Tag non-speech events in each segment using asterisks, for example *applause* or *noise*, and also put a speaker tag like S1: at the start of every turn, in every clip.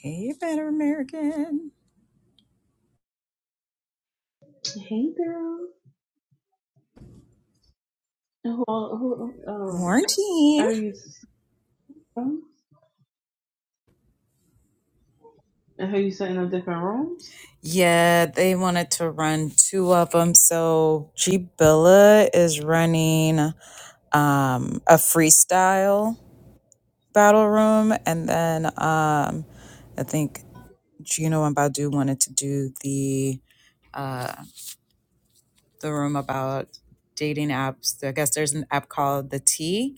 S1: Hey, Better American.
S2: Hey girl. Who, who, um,
S1: Morning.
S2: are you, and who you sitting in different rooms?
S1: Yeah, they wanted to run two of them. So Jibilla is running um, a freestyle battle room. And then um, I think Gino and Badu wanted to do the uh, the room about dating apps. I guess there's an app called The T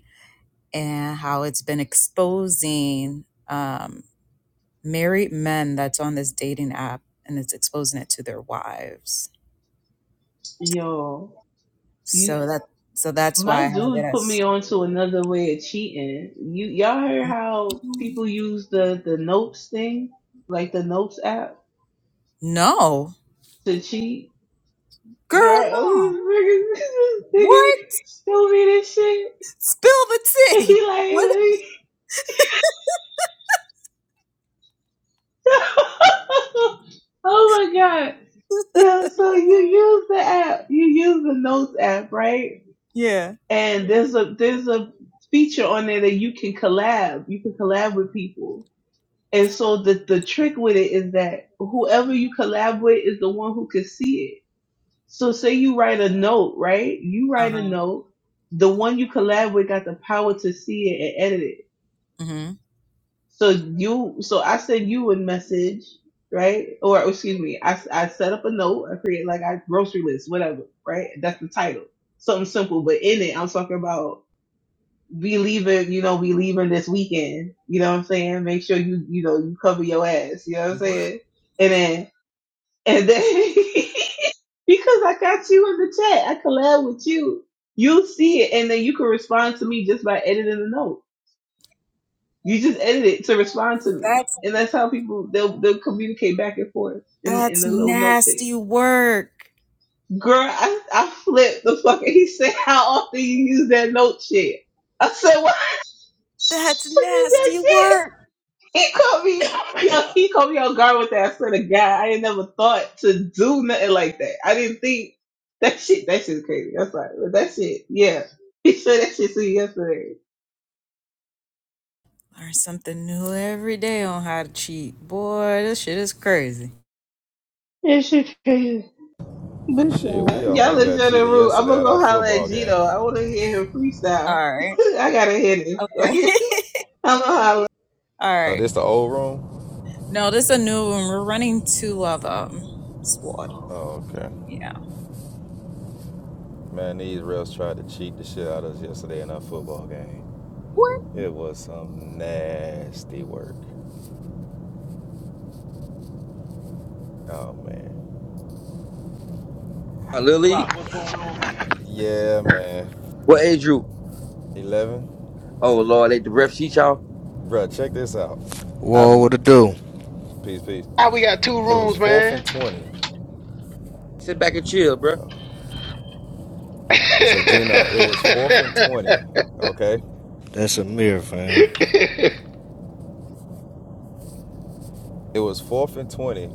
S1: and how it's been exposing. Um, married men that's on this dating app and it's exposing it to their wives.
S2: Yo, you,
S1: So that so that's why
S2: my
S1: I have it
S2: dude put
S1: as
S2: me on to another way of cheating. You, y'all heard how people use the, the notes thing, like the notes app
S1: no.
S2: to cheat?
S1: Girl,
S2: Girl,
S1: no.
S2: *laughs* this nigga
S1: What?
S2: show me this shit.
S1: Spill the
S2: *laughs*
S1: tea.
S2: He like,
S1: What?
S2: let me, *laughs* oh my god. Yeah, so you use the app, you use the notes app, right?
S1: Yeah.
S2: And there's a there's a feature on there that you can collab. You can collab with people. And so the the trick with it is that whoever you collab with is the one who can see it. So say you write a note, right? You write a
S1: Uh-huh.
S2: note. The one you collab with got the power to see it and edit it.
S1: Mhm.
S2: So you, so I send you a message, right? Or excuse me, I, I set up a note. I create like a grocery list, whatever, right? That's the title. Something simple, but in it, I'm talking about We leaving, you know, We leaving this weekend. You know what I'm saying? Make sure you, you know, you cover your ass. You know what I'm
S1: What?
S2: saying? And then, and then, *laughs* because I got you in the chat, I collab with you. You'll see it, and then you can respond to me just by editing the note. You just edit it to respond to me,
S1: That's
S2: and that's how people they'll they'll communicate back and forth in in
S1: that's
S2: the little note thing.
S1: nasty work.
S2: Girl, I I flipped the fuck. *laughs* He said, "How often you use that note shit?" I said, "Why *laughs* you
S1: That's
S2: use that
S1: nasty
S2: shit?"
S1: work.
S2: He called me, yo, he caught me on guard with that. I swear to God, I ain't never thought to do nothing like that. I didn't think that shit. That shit's crazy. I'm sorry, but that shit, yeah. He said that shit to me yesterday.
S1: Learn something new every day on how to cheat. Boy, this shit is crazy.
S2: That shit crazy.
S3: Shit, we
S2: Listen, y'all
S3: almost got
S2: enjoy the
S3: cheated
S2: room. I'm
S3: yesterday
S2: gonna
S3: at our
S2: go holler at
S3: football game.
S2: Gino. I want to hear him freestyle.
S1: All right.
S2: *laughs* I gotta hear him.
S1: Okay.
S2: *laughs* I'm gonna holler.
S1: *laughs* All
S3: Oh,
S1: right.
S3: this the old room?
S1: No, this is a new one. We're running two of them. Sword.
S3: Oh, okay.
S1: Yeah.
S3: Man, these refs tried to cheat the shit out of us yesterday in our football game.
S1: What?
S3: It was some nasty work. Oh, man.
S4: Lily,
S5: Block, what's going on, man?
S3: Yeah, man.
S4: what age group?
S3: 11?
S4: Oh Lord, they the ref sheet y'all.
S3: Bruh, check this out. I've...
S6: Whoa, what it do?
S3: Peace, peace.
S5: How we got two
S3: It was
S5: rooms,
S3: 4th
S5: man?
S3: and 20.
S4: Sit back and chill, bro.
S3: So Gino, it was fourth and twenty. Okay,
S6: That's a mirror, fam.
S5: *laughs*
S3: it was fourth and twenty.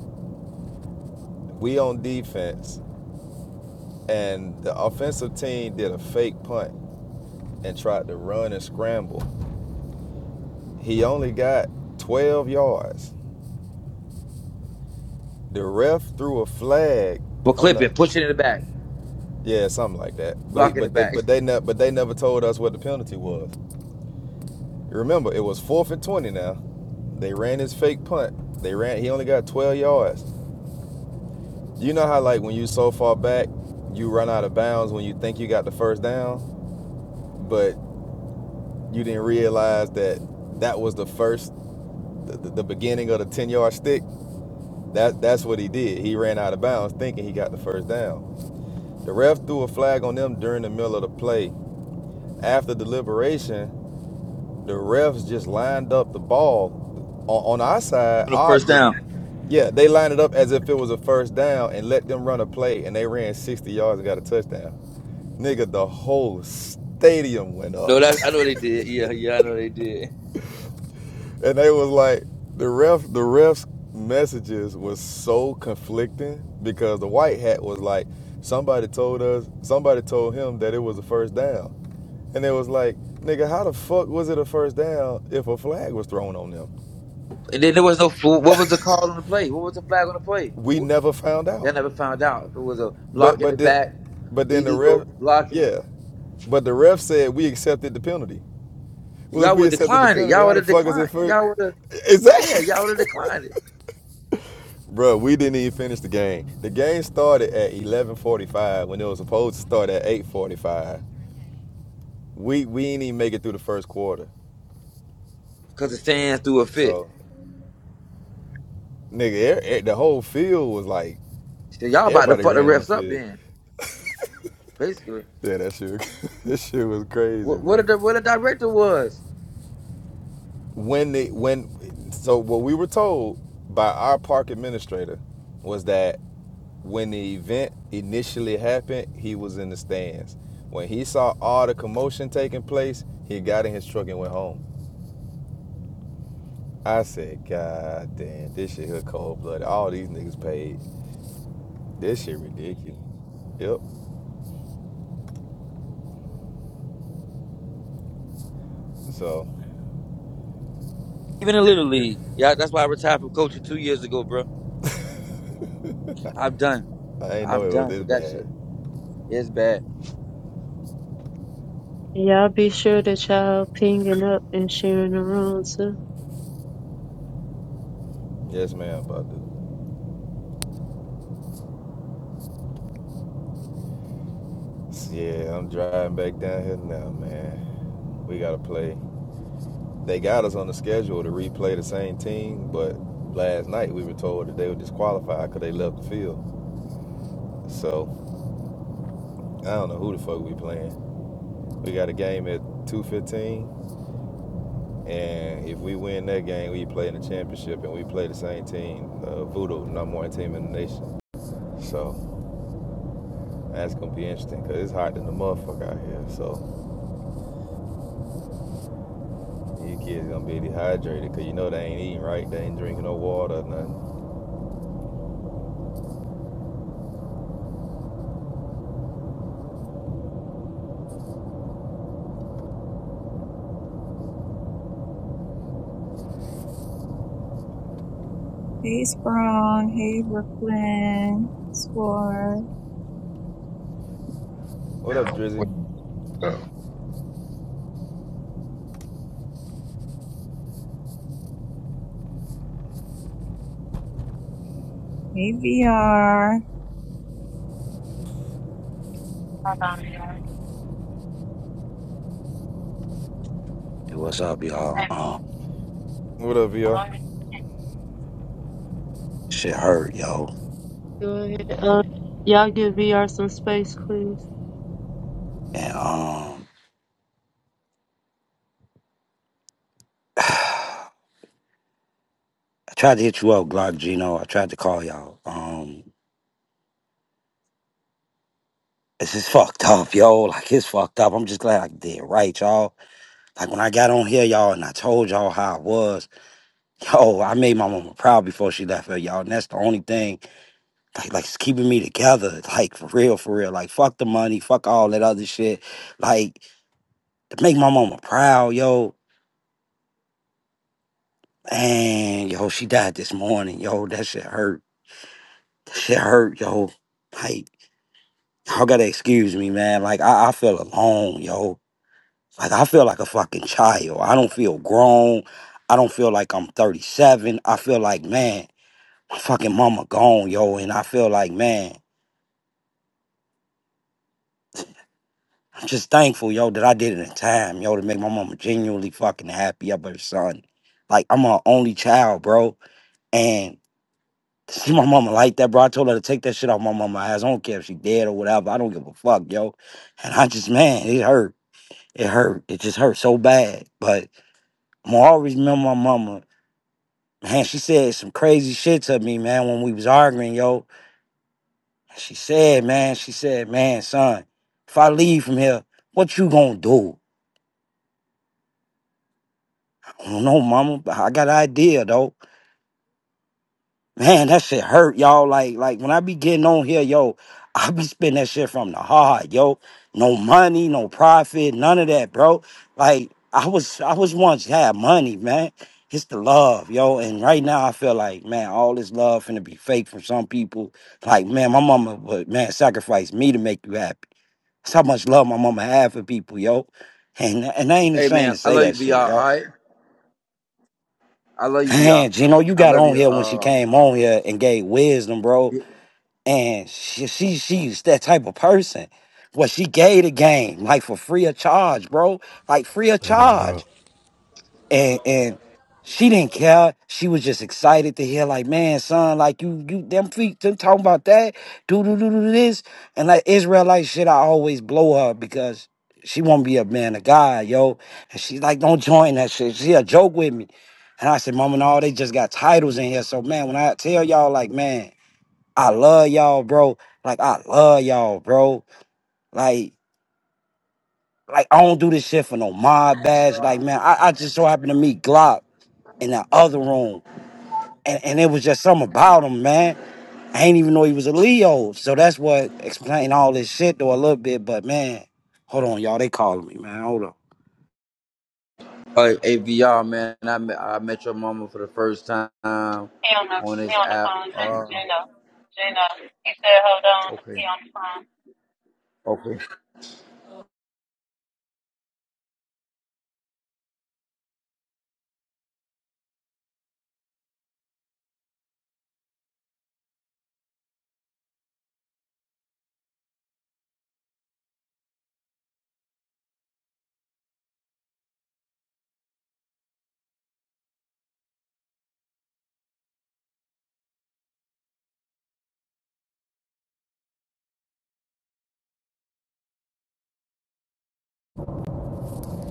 S3: We on defense. and the offensive team did a fake punt and tried to run and scramble. He only got 12 yards. The ref threw a flag
S4: Well,
S3: on
S4: clip it,
S3: the
S4: push it in the back,
S3: yeah, something like that. But he,
S4: block in the
S3: but they,
S4: back. *laughs*
S3: but they never but they never told us what the penalty was. Remember, it was fourth and 20 now. They ran his fake punt. They ran he only got 12 yards. You know how like when you so far back, you run out of bounds when you think you got the first down, but you didn't realize that that was the first the, the, the beginning of the 10 yard stick, that, that's what he did. He ran out of bounds thinking he got the first down. The ref threw a flag on them during the middle of the play. After deliberation, the refs just lined up the ball on, on our side.
S4: On the
S3: Our,
S4: first
S3: the,
S4: down.
S3: yeah, they lined it up as if it was a first down and let them run a play, and they ran 60 yards and got a touchdown. Nigga, the whole stadium went up.
S4: No, that's I know they did. Yeah, yeah, I know they did.
S3: and they was like the ref the ref's messages was so conflicting because the white hat was like somebody told us somebody told him that it was a first down and it was like nigga how the fuck was it a first down if a flag was thrown on them
S4: And then there was no fool. What was the call on the play? What was the flag on the play?
S3: we
S4: Wh-
S3: never found out
S4: Y'all never found out. If it was a
S3: but
S4: block in the
S3: but then
S4: back,
S3: but then the
S4: illegal
S3: ref
S4: blocking.
S3: yeah but the ref said we accepted the penalty well if
S4: Y'all
S3: we
S4: would
S3: accepted the
S4: decline it.
S3: penalty
S4: Y'all
S3: how
S4: would
S3: the
S4: have
S3: fuck is it
S4: declined.
S3: first
S4: Y'all would have. Yeah,
S3: exactly *laughs*
S4: y'all would have declined it
S3: Bro, we didn't even finish the game. The game started at 11:45 when it was supposed to start at 8:45. We we didn't even make it through the first quarter.
S4: because the stands threw a fit.
S3: So, nigga, er, er- the whole field was like
S4: So y'all about to
S3: everybody
S4: fuck the
S3: ran on the
S4: refs up
S3: field.
S4: then, basically.
S3: Yeah, that shit, *laughs* that shit was crazy,
S4: What, what
S3: bro.
S4: the what the director was?
S3: When they when so what we were told by our park administrator was that when the event initially happened, he was in the stands. When he saw all the commotion taking place, he got in his truck and went home. I said, God damn, this shit here cold blooded. All these niggas paid. This shit ridiculous. Yep. So
S4: Even in Little League. Yeah, that's why I retired from coaching two years ago, bro. I'm done.
S3: I ain't know
S4: I'm
S3: it was
S4: done
S3: this
S4: with that
S3: bad.
S4: shit. Yeah, It's bad.
S7: Y'all be sure that y'all pinging up and sharing the room too.
S3: Yes, man, about to. Yeah, I'm driving back down here now, man. We gotta play. They got us on the schedule to replay the same team, but last night we were told that they were disqualified because they left the field. So I don't know who the fuck we playing. We got a game at 2:15. And if we win that game, we play in the championship, and we play the same team, uh, Voodoo, number one team in the nation. So that's gonna be interesting because it's hot than the motherfucker out here. So you kids gonna be dehydrated because you know they ain't eating right, they ain't drinking no water or nothing.
S1: Hey, Sprung. Hey, Brooklyn. Sword.
S3: What up, Drizzy?
S8: What the?
S1: Hey, VR.
S7: Hold on, y'all.
S9: Hey, what's up, y'all?
S7: Hey,
S9: Um,
S3: What up, y'all?
S7: don't-
S9: shit hurt, yo.
S7: Go ahead. Uh, y'all give VR some space, please.
S9: And um, *sighs* I tried to hit you up, Glock Gino. I tried to call y'all. Um, it's just fucked up, yo. Like it's fucked up. I'm just glad I did right, y'all. Like when I got on here, y'all, and I told y'all how I was, *laughs* yo, I made my mama proud before she left her, y'all. And that's the only thing, like, like it's keeping me together. *laughs* Like for real, for real. Like fuck the money, fuck all that other shit. Like to make my mama proud, yo. And yo, she died this morning, yo. That shit hurt That shit hurt, yo. Like, y'all gotta excuse me, man. Like, I, I feel alone, yo. Like, I feel like a fucking child. I don't feel grown. I don't feel like I'm 37. I feel like, man, my fucking mama gone, yo. And I feel like, man, I'm just thankful, yo, that I did it in time, yo, to make my mama genuinely fucking happy up her son. Like, I'm her only child, bro. And to see my mama like that, bro, I told her to take that shit off my mama ass. I don't care if she dead or whatever. I don't give a fuck, yo. And I just, man, it hurt. It hurt. It just hurt so bad. But I'm gonna always remember my mama. Man, she said some crazy shit to me, man, when we was arguing, yo. She said, man, she said, man, son, if I leave from here, what you gonna do? I don't know, mama, but I got an idea, though. Man, that shit hurt, y'all. Like, like when I be getting on here, yo, *laughs* I be spitting that shit from the heart, yo. No money, no profit, none of that, bro. Like, I was, I was once had money, man. It's the love, yo. And right now, I feel like, man, all this love finna be fake from some people. Like, man, my mama would, man, sacrifice me to make you happy. That's how much love my mama had for people, yo. And and I ain't
S4: Hey
S9: ashamed
S4: man,
S9: to
S4: I
S9: say
S4: love you,
S9: that shit,
S4: VR. All
S9: yo.
S4: right, I love you, VR.
S9: Man, Gino, you
S4: I
S9: got
S4: love
S9: on
S4: you.
S9: here when she
S4: Uh,
S9: came on here and gave wisdom, bro and she, she she's that type of person. Well, she gave the game like for free of charge, bro, like free of
S6: Let him
S9: charge,
S6: rock.
S9: and and she didn't care. She was just excited to hear like, man, son, like you you them feet them talking about that, do do do do this, and like Israelite shit. I always blow her because. She won't be a man of God, yo. And she's like, don't join that shit. She a joke with me. And I said, Mama, no, they just got titles in here. So man, when I tell y'all, like, man, I love y'all, bro. Like I love y'all, bro. Like like I don't do this shit for no mob badge. Like man, I, I just so happened to meet Glock in the other room, and and it was just something about him, man. I ain't even know he was a Leo, so that's what explained all this shit though a little bit. But man, hold on, y'all. They calling me, man. Hold on.
S4: uh, hey VR, man. I met, I met your mama for the first time
S7: He on the
S4: on
S7: he
S4: this
S7: on the
S4: app.
S7: phone, J-
S4: Uh,
S7: Gino. Gino. He said, hold on. He
S4: okay,
S7: on the phone.
S4: okay.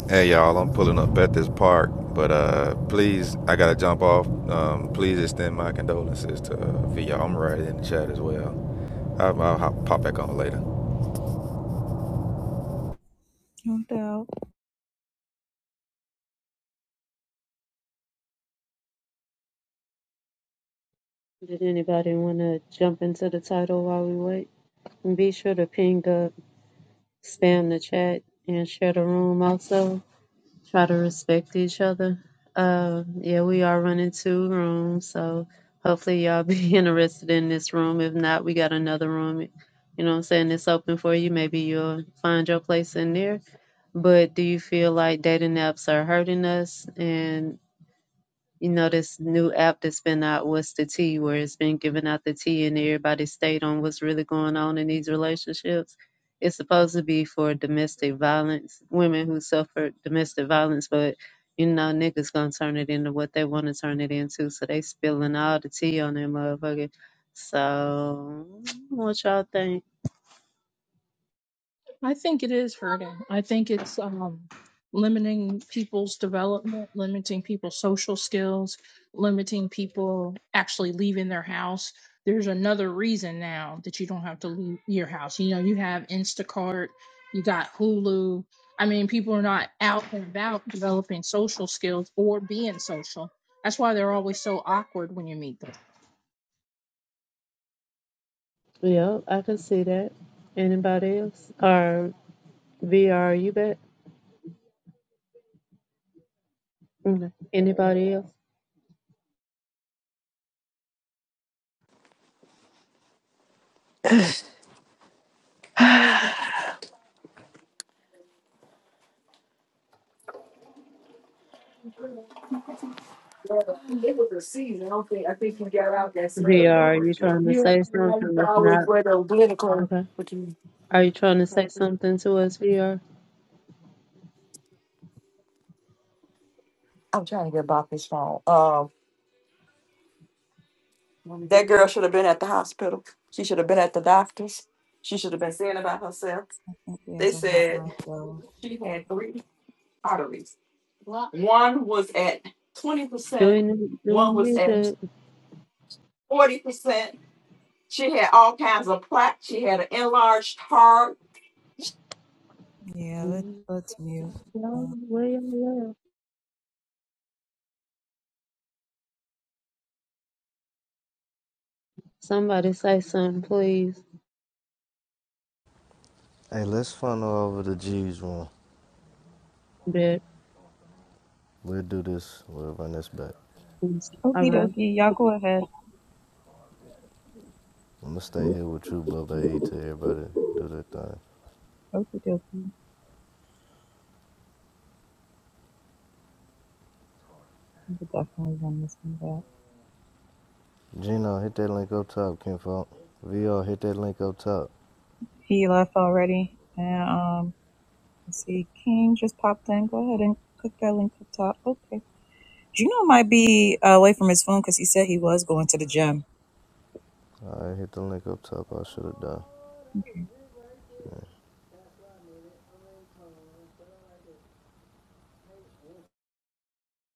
S3: Hey, y'all. I'm pulling up at this park, but uh, please, I gotta jump off. Um, please extend my condolences to uh, VR. I'm right in the chat as well. I'll, I'll hop, pop back on later.
S1: Count out.
S7: Did anybody want to jump into the title while we wait? And be sure to ping up, spam the chat, and share the room also. try to respect each other. Um, yeah, we are running two rooms, so hopefully y'all be *laughs* interested in this room. If not, we got another room. You know what I'm saying? It's open for you. Maybe you'll find your place in there. But do you feel like dating apps are hurting us? and? You know, this new app that's been out, What's the Tea, where it's been giving out the tea and everybody stayed on what's really going on in these relationships. It's supposed to be for domestic violence, women who suffer domestic violence, but you know, niggas gonna turn it into what they want to turn it into. So they spilling all the tea on that motherfucker. So, what y'all think?
S10: I think it is hurting. I think it's um, limiting people's development, limiting people's social skills, limiting people actually leaving their house. There's another reason now that you don't have to leave your house. You know, you have Instacart, you got Hulu. I mean, people are not out and about developing social skills or being social. That's why they're always so awkward when you meet them.
S7: Yeah, I can see that. Anybody else? Or VR, you bet. Okay. Anybody else?
S9: Well, It was a season. I don't think I think you got out that season.
S7: VR, are you trying to
S9: You
S7: say
S9: know, I used
S7: something?
S9: to
S7: If
S9: always
S7: not,
S9: wear those glitter coats.
S7: okay.
S9: What you? mean?
S7: Are you trying to say something to us, VR?
S9: I'm trying to get about this phone. Um, That girl should have been at the hospital. She should have been at the doctor's. She should have been seeing about herself.
S1: Hopefully,
S9: They
S1: has a hot
S9: said
S1: mic though.
S9: she had three arteries. One was at
S7: Do
S9: 20%,
S7: we need, do we
S9: one was
S7: need
S9: at
S7: to?
S9: 40%. She had all kinds of plaque. She had an enlarged heart.
S1: Yeah, let,
S7: mm,
S1: let's mute.
S7: y'all-
S1: Uh,
S7: where y'all at? Somebody say something, please.
S6: Hey, let's funnel over to G's room.
S7: But,
S6: We'll do this. We'll run this back.
S7: all
S1: Okie
S7: right.
S1: dokie. Y'all go ahead.
S6: I'm gonna stay here with you, Bubba E, till everybody do their thing.
S1: Okie dokie. We could definitely run this one back.
S6: Gino, hit that link up top, Kinfolk. VR, hit that link up top.
S1: He left already. And, um, let's see. King just popped in. Go ahead and click that link up top. Okay. Gino might be uh, away from his phone because he said he was going to the gym.
S6: All right, hit the link up top. I should have done.